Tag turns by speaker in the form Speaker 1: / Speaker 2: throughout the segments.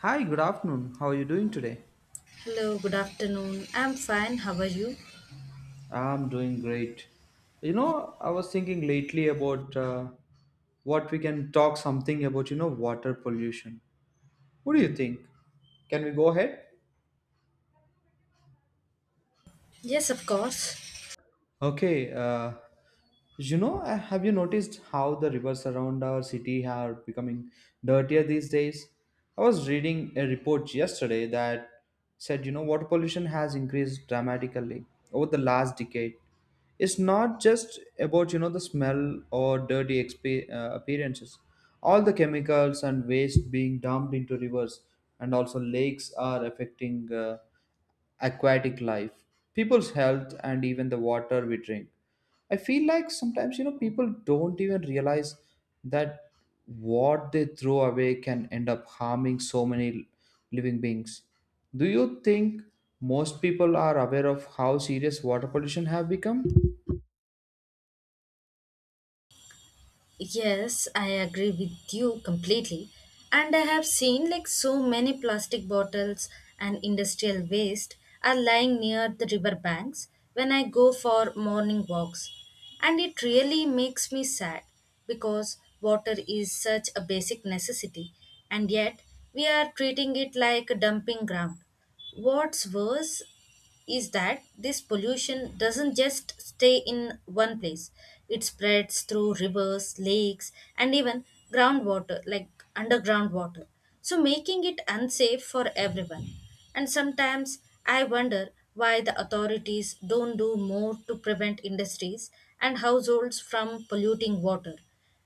Speaker 1: Hi, good afternoon. How are you doing today?
Speaker 2: Hello, good afternoon. I'm fine. How are you?
Speaker 1: I'm doing great. I was thinking lately about what we can talk something about, you know, water pollution. What do you think? Can we go ahead?
Speaker 2: Yes, of course.
Speaker 1: Okay, have you noticed how the rivers around our city are becoming dirtier these days? I was reading a report yesterday that said, you know, water pollution has increased dramatically over the last decade. It's not just about, you know, the smell or dirty appearances. All the chemicals and waste being dumped into rivers and also lakes are affecting aquatic life, people's health, and even the water we drink. I feel like sometimes, you know, people don't even realize that what they throw away can end up harming so many living beings. Do you think most people are aware of how serious water pollution have become?
Speaker 2: Yes, I agree with you completely. And I have seen like so many plastic bottles and industrial waste are lying near the river banks when I go for morning walks. And it really makes me sad because water is such a basic necessity and yet we are treating it like a dumping ground. What's worse is that this pollution doesn't just stay in one place. It spreads through rivers, lakes, and even groundwater, like underground water. So, making it unsafe for everyone. And sometimes I wonder why the authorities don't do more to prevent industries and households from polluting water.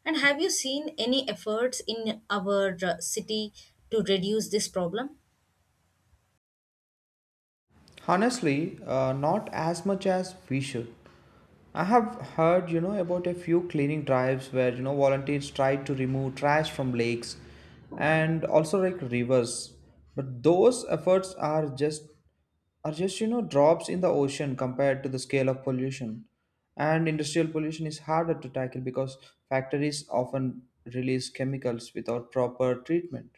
Speaker 2: And have you seen any efforts in our city to reduce this problem?
Speaker 1: Honestly, not as much as we should. I have heard, you know, about a few cleaning drives where, you know, volunteers tried to remove trash from lakes and also like rivers. But those efforts are just, you know, drops in the ocean compared to the scale of pollution. And industrial pollution is harder to tackle because factories often release chemicals without proper treatment.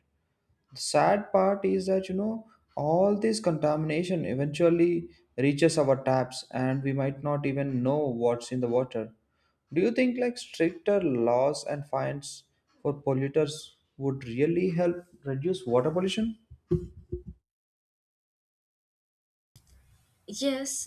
Speaker 1: The sad part is that, you know, all this contamination eventually reaches our taps and we might not even know what's in the water. Do you think like stricter laws and fines for polluters would really help reduce water pollution?
Speaker 2: Yes,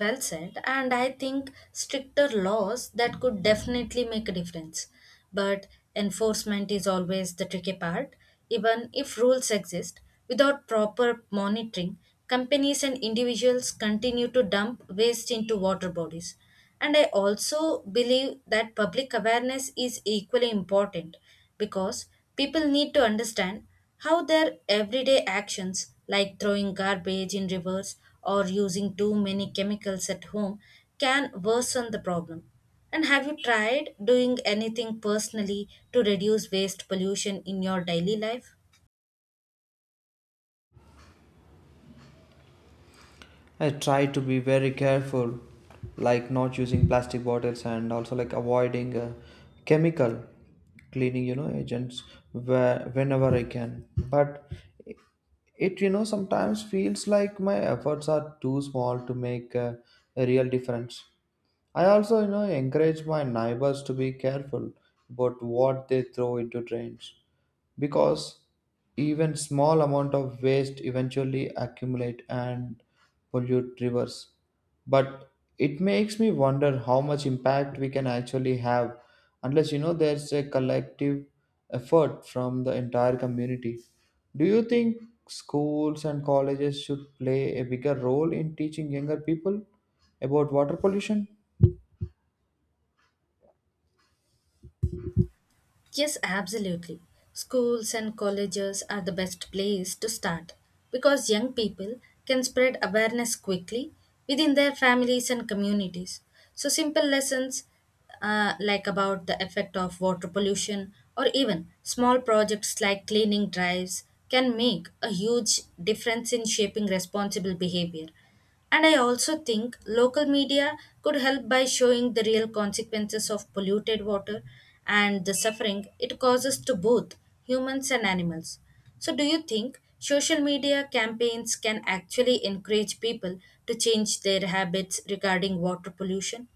Speaker 2: well said. And I think stricter laws that could definitely make a difference. But enforcement is always the tricky part. Even if rules exist, without proper monitoring, companies and individuals continue to dump waste into water bodies. And I also believe that public awareness is equally important because people need to understand how their everyday actions, like throwing garbage in rivers or using too many chemicals at home, can worsen the problem. And have you tried doing anything personally to reduce waste pollution in your daily life?
Speaker 1: I try to be very careful, like not using plastic bottles and also like avoiding chemical cleaning, you know, agents whenever I can. But it, you know, sometimes feels like my efforts are too small to make a real difference. I also, you know, encourage my neighbors to be careful about what they throw into drains because even small amount of waste eventually accumulate and pollute rivers, but it makes me wonder how much impact we can actually have unless you know there's a collective effort from the entire community. Do you think schools and colleges should play a bigger role in teaching younger people about water pollution?
Speaker 2: Yes, absolutely. Schools and colleges are the best place to start because young people can spread awareness quickly within their families and communities. So, simple lessons like about the effect of water pollution or even small projects like cleaning drives can make a huge difference in shaping responsible behavior. And I also think local media could help by showing the real consequences of polluted water and the suffering it causes to both humans and animals. So, do you think social media campaigns can actually encourage people to change their habits regarding water pollution?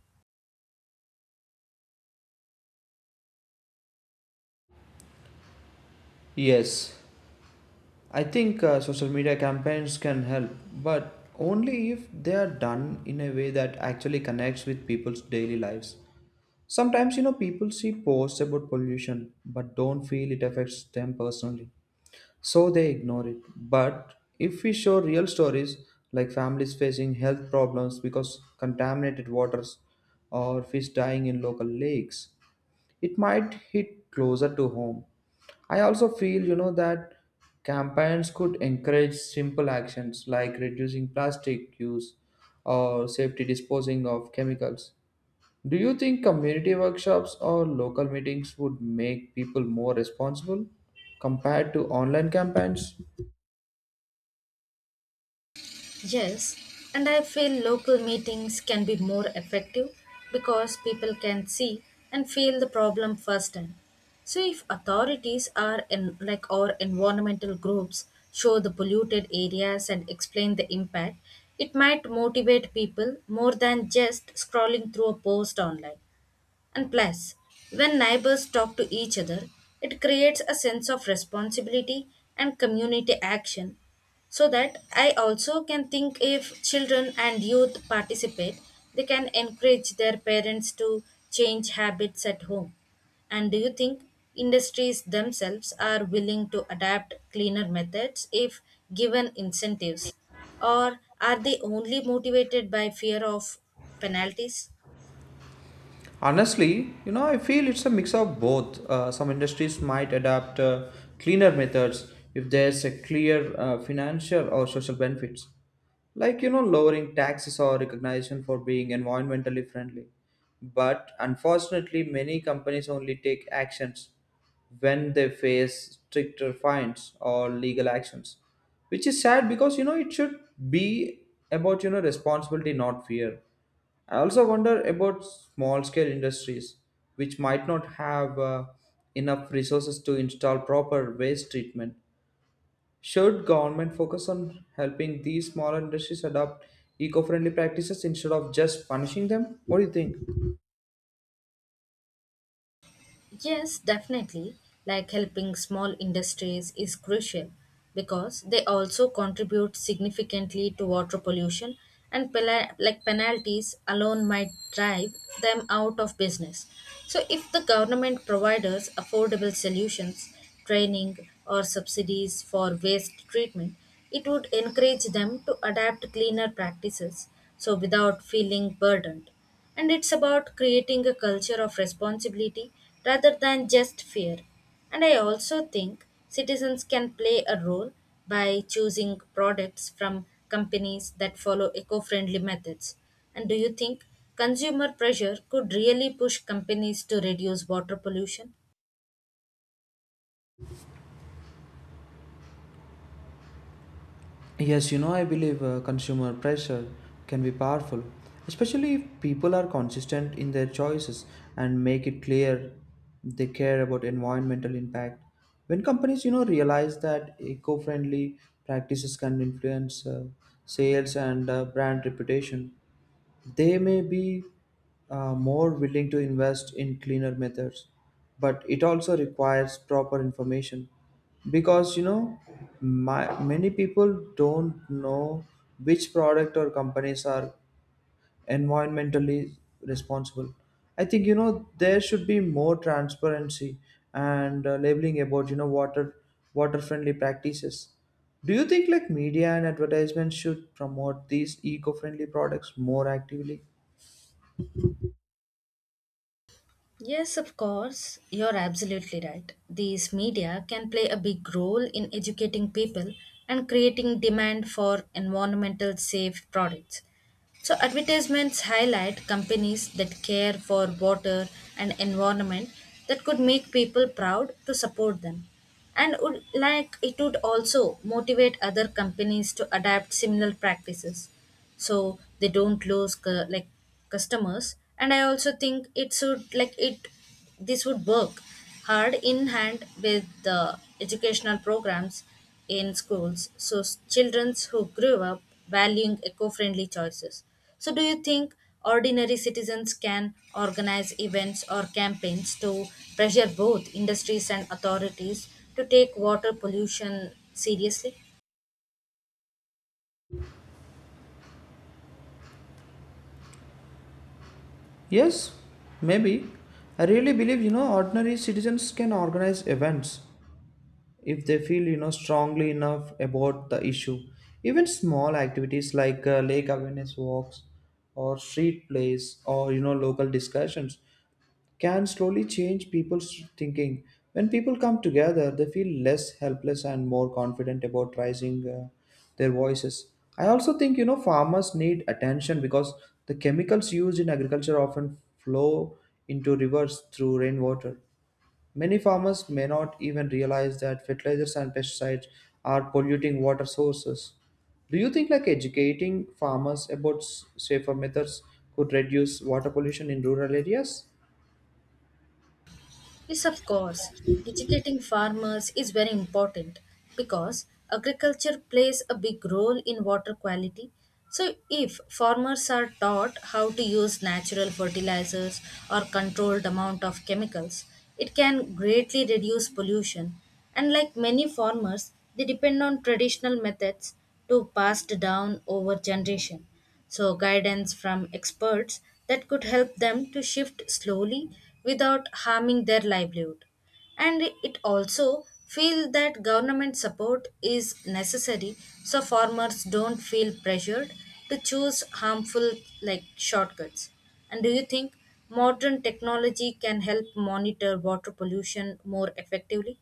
Speaker 1: Yes, I think social media campaigns can help, but only if they are done in a way that actually connects with people's daily lives. Sometimes, you know, people see posts about pollution but don't feel it affects them personally, so they ignore it. But if we show real stories like families facing health problems because contaminated waters or fish dying in local lakes, it might hit closer to home. I also feel, you know, that campaigns could encourage simple actions like reducing plastic use or safety disposing of chemicals. Do you think community workshops or local meetings would make people more responsible compared to online campaigns?
Speaker 2: Yes, and I feel local meetings can be more effective because people can see and feel the problem firsthand. So if authorities are in like or environmental groups show the polluted areas and explain the impact, it might motivate people more than just scrolling through a post online. And plus, when neighbors talk to each other, it creates a sense of responsibility and community action. So that I also can think if children and youth participate, they can encourage their parents to change habits at home. And do you think industries themselves are willing to adapt cleaner methods if given incentives? Or are they only motivated by fear of penalties?
Speaker 1: Honestly, you know, I feel it's a mix of both. Some industries might adapt cleaner methods if there's a clear financial or social benefits, like you know, lowering taxes or recognition for being environmentally friendly. But unfortunately, many companies only take actions when they face stricter fines or legal actions, which is sad because you know it should be about you know responsibility, not fear. I also wonder about small scale industries which might not have enough resources to install proper waste treatment. Should government focus on helping these smaller industries adopt eco-friendly practices instead of just punishing them? What do you think?
Speaker 2: Yes, definitely. Like helping small industries is crucial because they also contribute significantly to water pollution and like penalties alone might drive them out of business. So if the government provides affordable solutions, training or subsidies for waste treatment, it would encourage them to adapt cleaner practices so without feeling burdened. And it's about creating a culture of responsibility rather than just fear. And I also think citizens can play a role by choosing products from companies that follow eco friendly methods. And do you think consumer pressure could really push companies to reduce water pollution?
Speaker 1: Yes, you know, I believe consumer pressure can be powerful, especially if people are consistent in their choices and make it clear they care about environmental impact. When companies, you know, realize that eco-friendly practices can influence sales and brand reputation, they may be more willing to invest in cleaner methods, but it also requires proper information because you know many people don't know which product or companies are environmentally responsible. I think you know there should be more transparency and labeling about you know water friendly practices. Do you think like media and advertisements should promote these eco-friendly products more actively?
Speaker 2: Yes, of course. You're absolutely right. These media can play a big role in educating people and creating demand for environmental safe products. So, advertisements highlight companies that care for water and environment that could make people proud to support them. And would, like it would also motivate other companies to adapt similar practices so they don't lose like customers, and I also think it should like it, this would work hard in hand with the educational programs in schools, so children who grew up valuing eco-friendly choices. So do you think ordinary citizens can organize events or campaigns to pressure both industries and authorities to take water pollution seriously?
Speaker 1: Yes, maybe. I really believe, you know, ordinary citizens can organize events if they feel, you know, strongly enough about the issue. Even small activities like lake awareness walks or street plays or, you know, local discussions can slowly change people's thinking. When people come together, they feel less helpless and more confident about raising their voices. I also think you know farmers need attention because the chemicals used in agriculture often flow into rivers through rainwater. Many farmers may not even realize that fertilizers and pesticides are polluting water sources. Do you think like educating farmers about safer methods could reduce water pollution in rural areas?
Speaker 2: Yes, of course. Educating farmers is very important because agriculture plays a big role in water quality. So, if farmers are taught how to use natural fertilizers or controlled amount of chemicals, it can greatly reduce pollution. And like many farmers, they depend on traditional methods to passed down over generation. So, guidance from experts that could help them to shift slowly without harming their livelihood. And it also feel that government support is necessary so farmers don't feel pressured to choose harmful like shortcuts. And do you think modern technology can help monitor water pollution more effectively?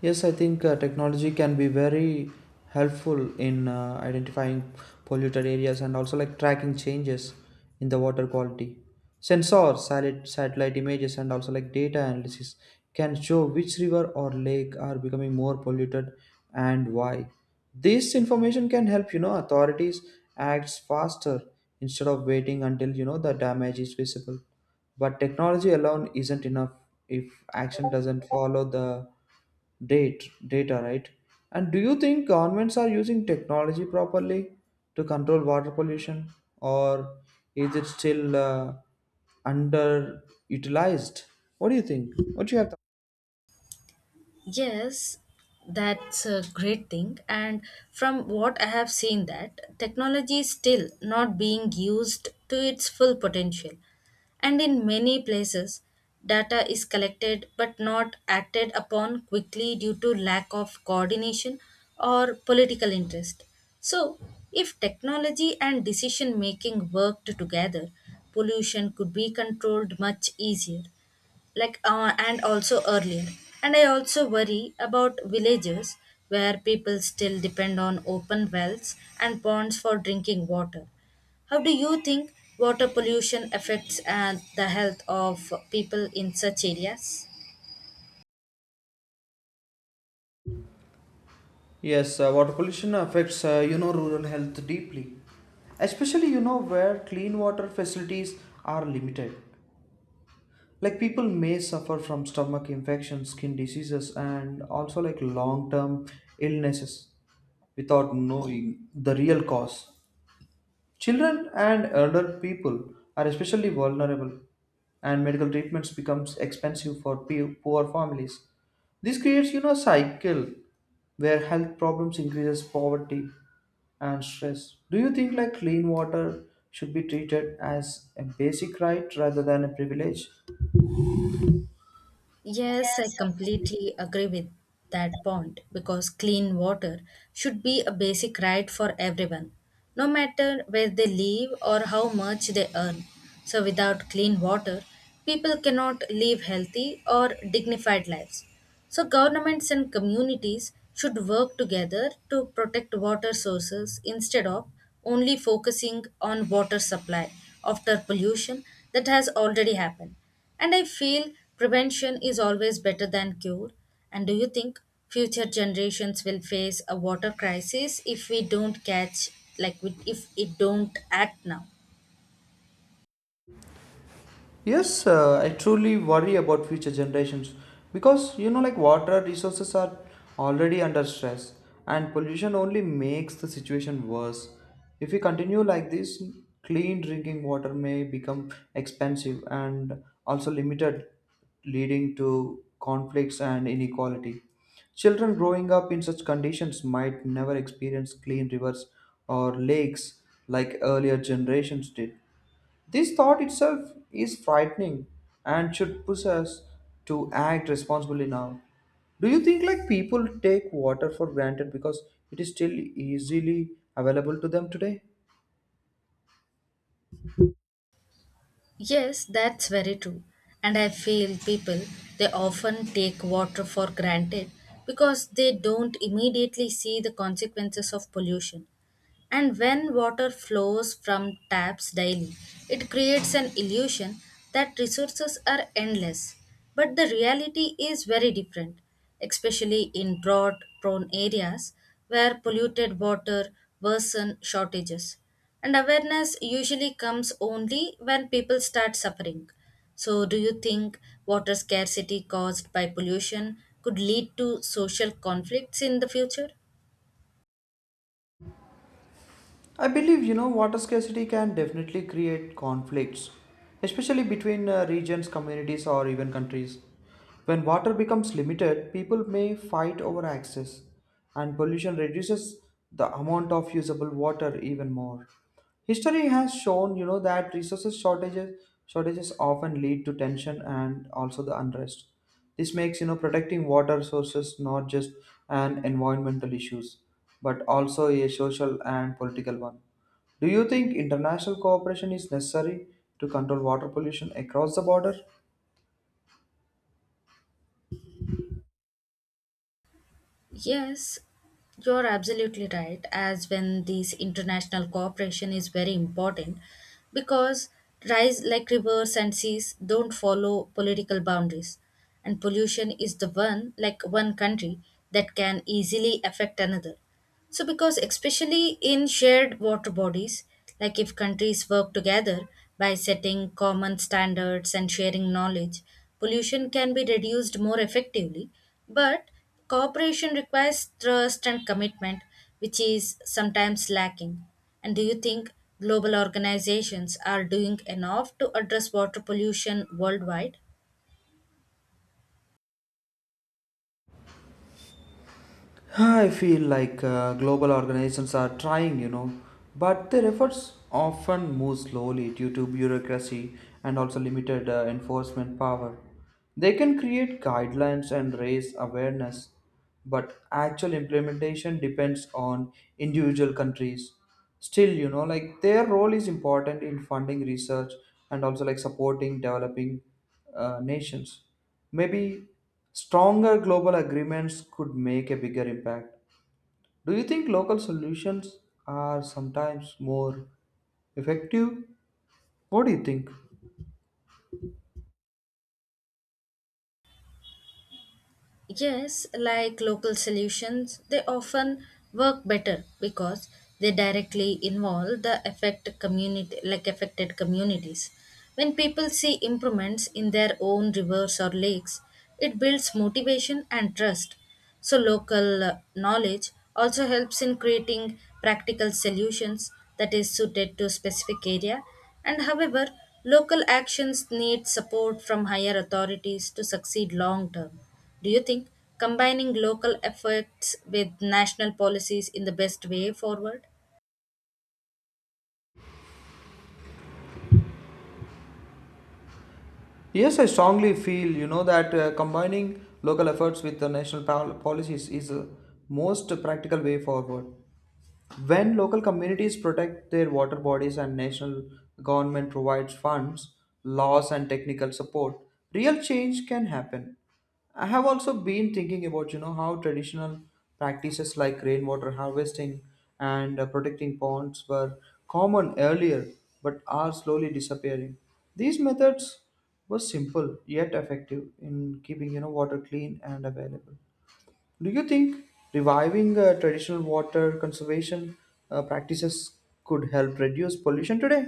Speaker 1: Yes, I think technology can be very helpful in identifying polluted areas and also like tracking changes in the water quality. Sensors, satellite images, and also like data analysis can show which river or lake are becoming more polluted and why. This information can help you know authorities act faster instead of waiting until you know the damage is visible. But technology alone isn't enough if action doesn't follow the data, right? And do you think governments are using technology properly to control water pollution, or is it still underutilized? What do you think? What do you have? To-
Speaker 2: Yes, that's a great thing. And from what I have seen, that technology is still not being used to its full potential. And in many places, data is collected but not acted upon quickly due to lack of coordination or political interest. So, if technology and decision making worked together, pollution could be controlled much easier, and also earlier. And I also worry about villages where people still depend on open wells and ponds for drinking water. How do you think water pollution affects the health of people in such areas?
Speaker 1: yes, water pollution affects you know rural health deeply, especially you know where clean water facilities are limited. Like people may suffer from stomach infections, skin diseases, and also like long term illnesses without knowing the real cause. Children and elder people are especially vulnerable, and medical treatments becomes expensive for poor families. This creates you know a cycle where health problems increases poverty and stress. Do you think like clean water should be treated as a basic right rather than a privilege?
Speaker 2: Yes, I completely agree with that point because clean water should be a basic right for everyone, no matter where they live or how much they earn. So, without clean water, people cannot live healthy or dignified lives. So, governments and communities should work together to protect water sources instead of only focusing on water supply after pollution that has already happened. And I feel prevention is always better than cure. And do you think future generations will face a water crisis if we don't catch, like, if it don't act now?
Speaker 1: Yes, I truly worry about future generations because you know, like water resources are already under stress, and pollution only makes the situation worse. If we continue like this, clean drinking water may become expensive and also limited, leading to conflicts and inequality. Children growing up in such conditions might never experience clean rivers or lakes like earlier generations did. This thought itself is frightening and should push us to act responsibly now. Do you think like people take water for granted because it is still easily available to them today?
Speaker 2: Yes, that's very true. And I feel people, they often take water for granted because they don't immediately see the consequences of pollution. And when water flows from taps daily, it creates an illusion that resources are endless. But the reality is very different, especially in drought prone areas where polluted water worsen shortages. And awareness usually comes only when people start suffering. So, do you think water scarcity caused by pollution could lead to social conflicts in the future?
Speaker 1: I believe you know water scarcity can definitely create conflicts, especially between regions, communities, or even countries. When water becomes limited, people may fight over access, and pollution reduces the amount of usable water even more. History has shown you know that resources shortages often lead to tension and also the unrest. This makes you know protecting water sources not just an environmental issues, but also a social and political one. Do you think international cooperation is necessary to control water pollution across the border?
Speaker 2: Yes, you're absolutely right. As when this international cooperation is very important because rise like rivers and seas don't follow political boundaries, and pollution is the one like one country that can easily affect another. So, because especially in shared water bodies, like if countries work together by setting common standards and sharing knowledge, pollution can be reduced more effectively. But cooperation requires trust and commitment, which is sometimes lacking. And do you think global organizations are doing enough to address water pollution worldwide?
Speaker 1: Huh, I feel like global organizations are trying, you know, but their efforts often move slowly due to bureaucracy and also limited enforcement power. They can create guidelines and raise awareness, but actual implementation depends on individual countries. Still, you know, like their role is important in funding research and also like supporting developing nations. Maybe stronger global agreements could make a bigger impact. Do you think local solutions are sometimes more effective? What do you think?
Speaker 2: Yes, like local solutions, they often work better because they directly involve the affect community like affected communities. When people see improvements in their own rivers or lakes, it builds motivation and trust. So, local knowledge also helps in creating practical solutions that is suited to specific area. And however, local actions need support from higher authorities to succeed long term. Do you think combining local efforts with national policies in the best way forward?
Speaker 1: Yes, I strongly feel you know that combining local efforts with the national policies is the most practical way forward. When local communities protect their water bodies and national government provides funds, laws, and technical support, real change can happen. I have also been thinking about you know how traditional practices like rainwater harvesting and protecting ponds were common earlier but are slowly disappearing. These methods were simple yet effective in keeping you know water clean and available. Do you think reviving traditional water conservation practices could help reduce pollution today?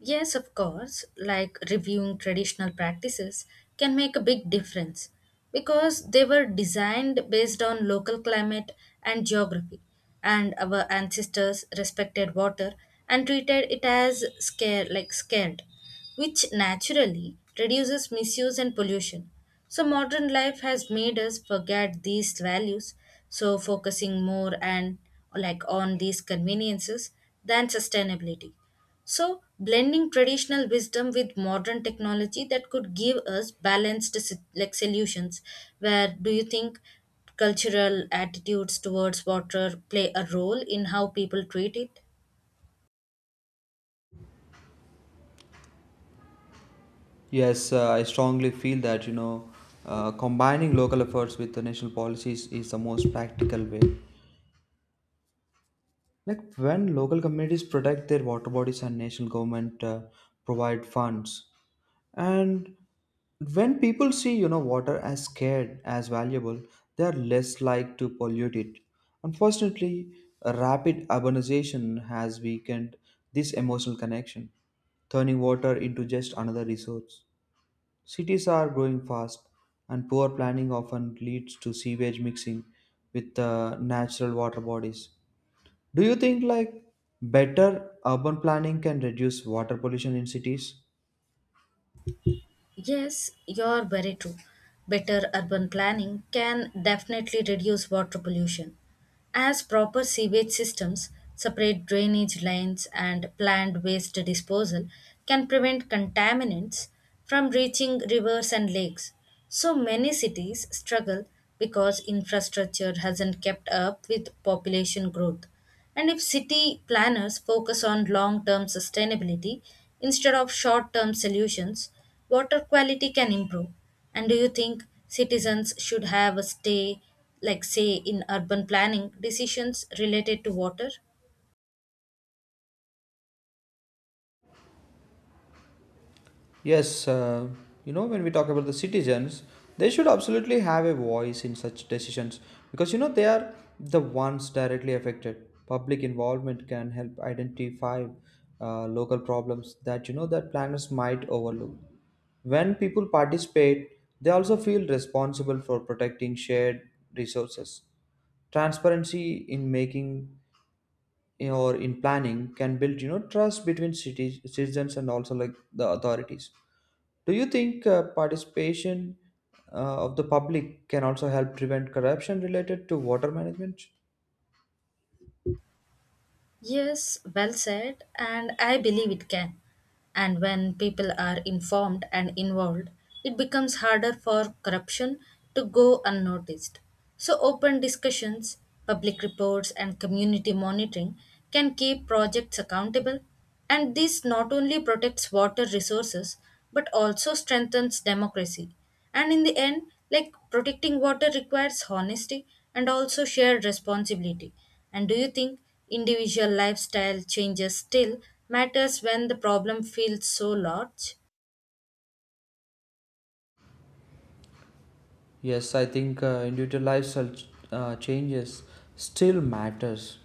Speaker 2: Yes, of course, like reviewing traditional practices can make a big difference because they were designed based on local climate and geography, and our ancestors respected water and treated it as scare like scared, which naturally reduces misuse and pollution. So modern life has made us forget these values, so focusing more and like on these conveniences than sustainability. So, blending traditional wisdom with modern technology that could give us balanced like solutions. Where do you think cultural attitudes towards water play a role in how people treat it?
Speaker 1: Yes, I strongly feel that you know combining local efforts with the national policies is the most practical way. Like when local communities protect their water bodies and national government provide funds, and when people see, you know, water as scared as valuable, they are less likely to pollute it. Unfortunately, rapid urbanization has weakened this emotional connection, turning water into just another resource. Cities are growing fast, and poor planning often leads to sewage mixing with natural water bodies. Do you think like better urban planning can reduce water pollution in cities?
Speaker 2: Yes, you're very true. Better urban planning can definitely reduce water pollution. As proper sewage systems, separate drainage lines, and planned waste disposal can prevent contaminants from reaching rivers and lakes. So many cities struggle because infrastructure hasn't kept up with population growth. And if city planners focus on long term sustainability instead of short term solutions, water quality can improve. And do you think citizens should have a stay, like say in urban planning, decisions related to water?
Speaker 1: Yes, you know, when we talk about the citizens, they should absolutely have a voice in such decisions because you know they are the ones directly affected. Public involvement can help identify local problems that you know that planners might overlook. When people participate, they also feel responsible for protecting shared resources. Transparency in making or in planning can build trust between cities, citizens, and also like the authorities. Do you think participation of the public can also help prevent corruption related to water management?
Speaker 2: Yes, well said, and I believe it can. And when people are informed and involved, it becomes harder for corruption to go unnoticed. So, open discussions, public reports, and community monitoring can keep projects accountable, and this not only protects water resources but also strengthens democracy. And in the end, like protecting water requires honesty and also shared responsibility. And do you think individual lifestyle changes still matters when the problem feels so large?
Speaker 1: Yes, I think individual lifestyle changes still matters,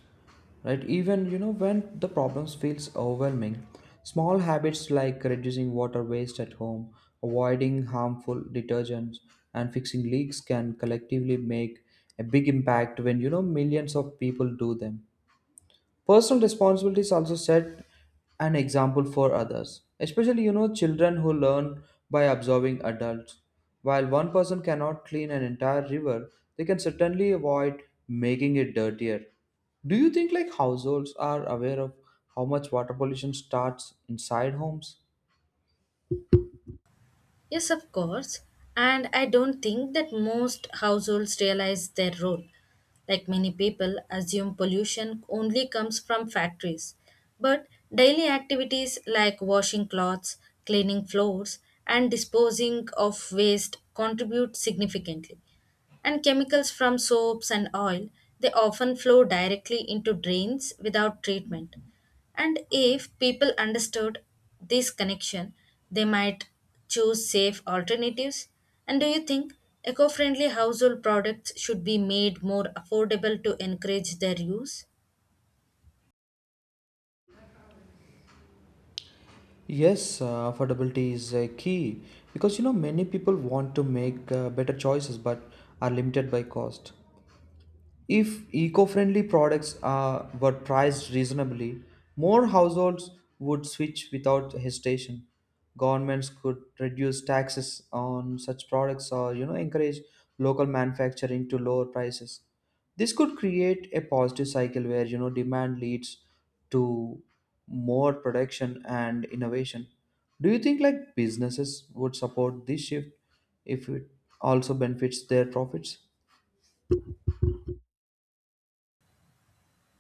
Speaker 1: right? Even when the problems feels overwhelming, small habits like reducing water waste at home, avoiding harmful detergents, and fixing leaks can collectively make a big impact when millions of people do them. Personal responsibilities also set an example for others, especially children who learn by observing adults. While one person cannot clean an entire river, they can certainly avoid making it dirtier. Do you think like households are aware of how much water pollution starts inside homes?
Speaker 2: Yes, of course. And I don't think that most households realize their role. Like many people assume pollution only comes from factories. But daily activities like washing clothes, cleaning floors, and disposing of waste contribute significantly, and chemicals from soaps and oil they often flow directly into drains without treatment. And if people understood this connection, they might choose safe alternatives. And do you think eco-friendly household products should be made more affordable to encourage their use?
Speaker 1: Yes, affordability is a key because many people want to make better choices but are limited by cost. If eco friendly products were priced reasonably, more households would switch without hesitation. Governments could reduce taxes on such products or encourage local manufacturing to lower prices. This could create a positive cycle where demand leads to more production and innovation. Do you think like businesses would support this shift if it also benefits their profits?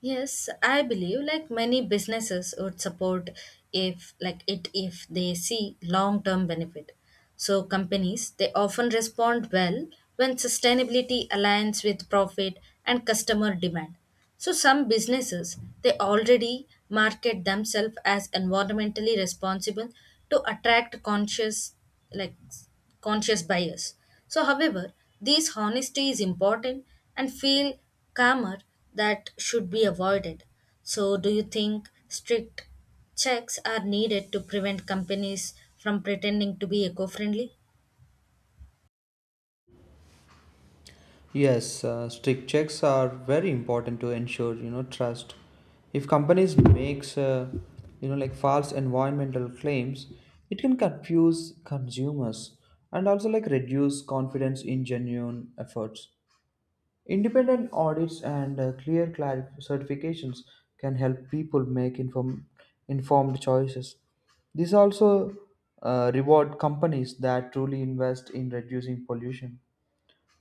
Speaker 2: Yes, I believe like many businesses would support if like it, if they see long-term benefit. So companies they often respond well when sustainability aligns with profit and customer demand. So some businesses they already market themselves as environmentally responsible to attract conscious like conscious bias. So, however, this honesty is important and feel calmer that should be avoided. So, do you think strict checks are needed to prevent companies from pretending to be eco friendly?
Speaker 1: Yes, strict checks are very important to ensure trust. If companies makes like false environmental claims, it can confuse consumers and also like reduce confidence in genuine efforts. Independent audits and certifications can help people make informed choices. This also reward companies that truly invest in reducing pollution.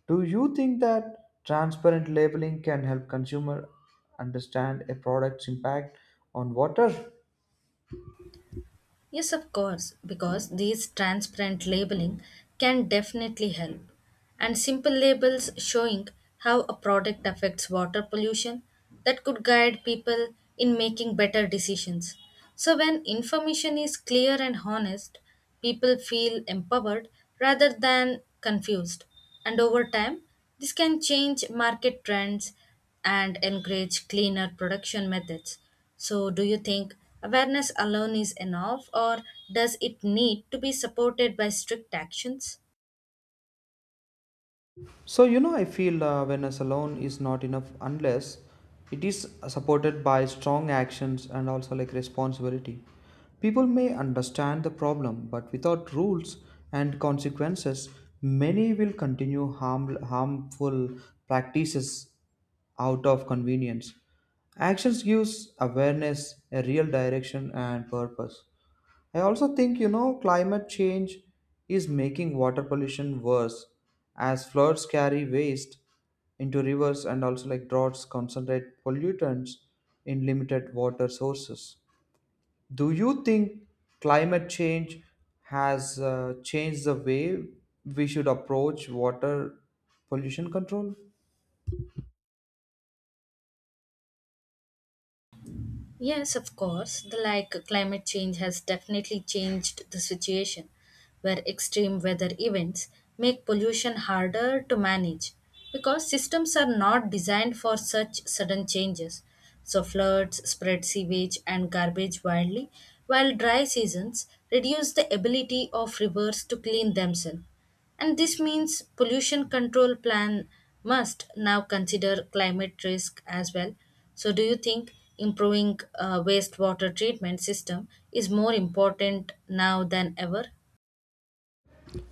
Speaker 1: Do you think that transparent labeling can help consumer understand a product's impact on water?
Speaker 2: Yes, of course, because these transparent labeling can definitely help. And simple labels showing how a product affects water pollution that could guide people in making better decisions. So, when information is clear and honest, people feel empowered rather than confused. And over time, this can change market trends and encourage cleaner production methods. So, do you think awareness alone is enough, or does it need to be supported by strict actions?
Speaker 1: So I feel awareness alone is not enough unless it is supported by strong actions and also like responsibility. People may understand the problem, but without rules and consequences, many will continue harmful practices out of convenience. Actions gives awareness, a real direction and purpose. I also think climate change is making water pollution worse as floods carry waste into rivers and also like droughts concentrate pollutants in limited water sources. Do you think climate change has changed the way we should approach water pollution control?
Speaker 2: Yes, of course. The like climate change has definitely changed the situation where extreme weather events make pollution harder to manage because systems are not designed for such sudden changes. So floods spread sewage and garbage widely, while dry seasons reduce the ability of rivers to clean themselves. And this means pollution control plan must now consider climate risk as well. So do you think improving wastewater treatment system is more important now than ever?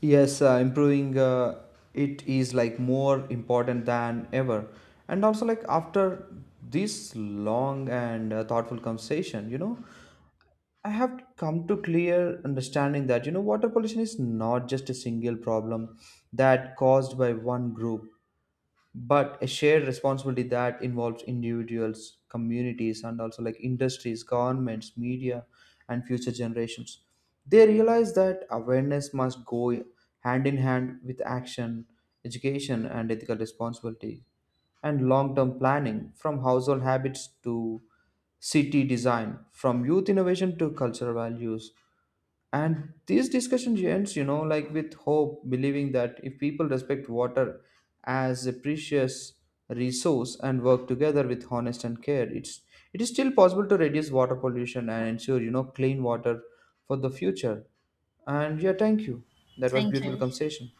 Speaker 1: Yes, improving it is like more important than ever. And also, like after this long and thoughtful conversation, I have come to clear understanding that water pollution is not just a single problem that caused by one group but a shared responsibility that involves individuals, communities, and also like industries, governments, media, and future generations. They realize that awareness must go hand in hand with action, education, and ethical responsibility, and long-term planning, from household habits to city design, from youth innovation to cultural values. And these discussions ends, like, with hope, believing that if people respect water as a precious resource and work together with honest and care, it is still possible to reduce water pollution and ensure clean water for the future. And yeah, thank you. That was
Speaker 2: Thank
Speaker 1: beautiful
Speaker 2: you.
Speaker 1: conversation.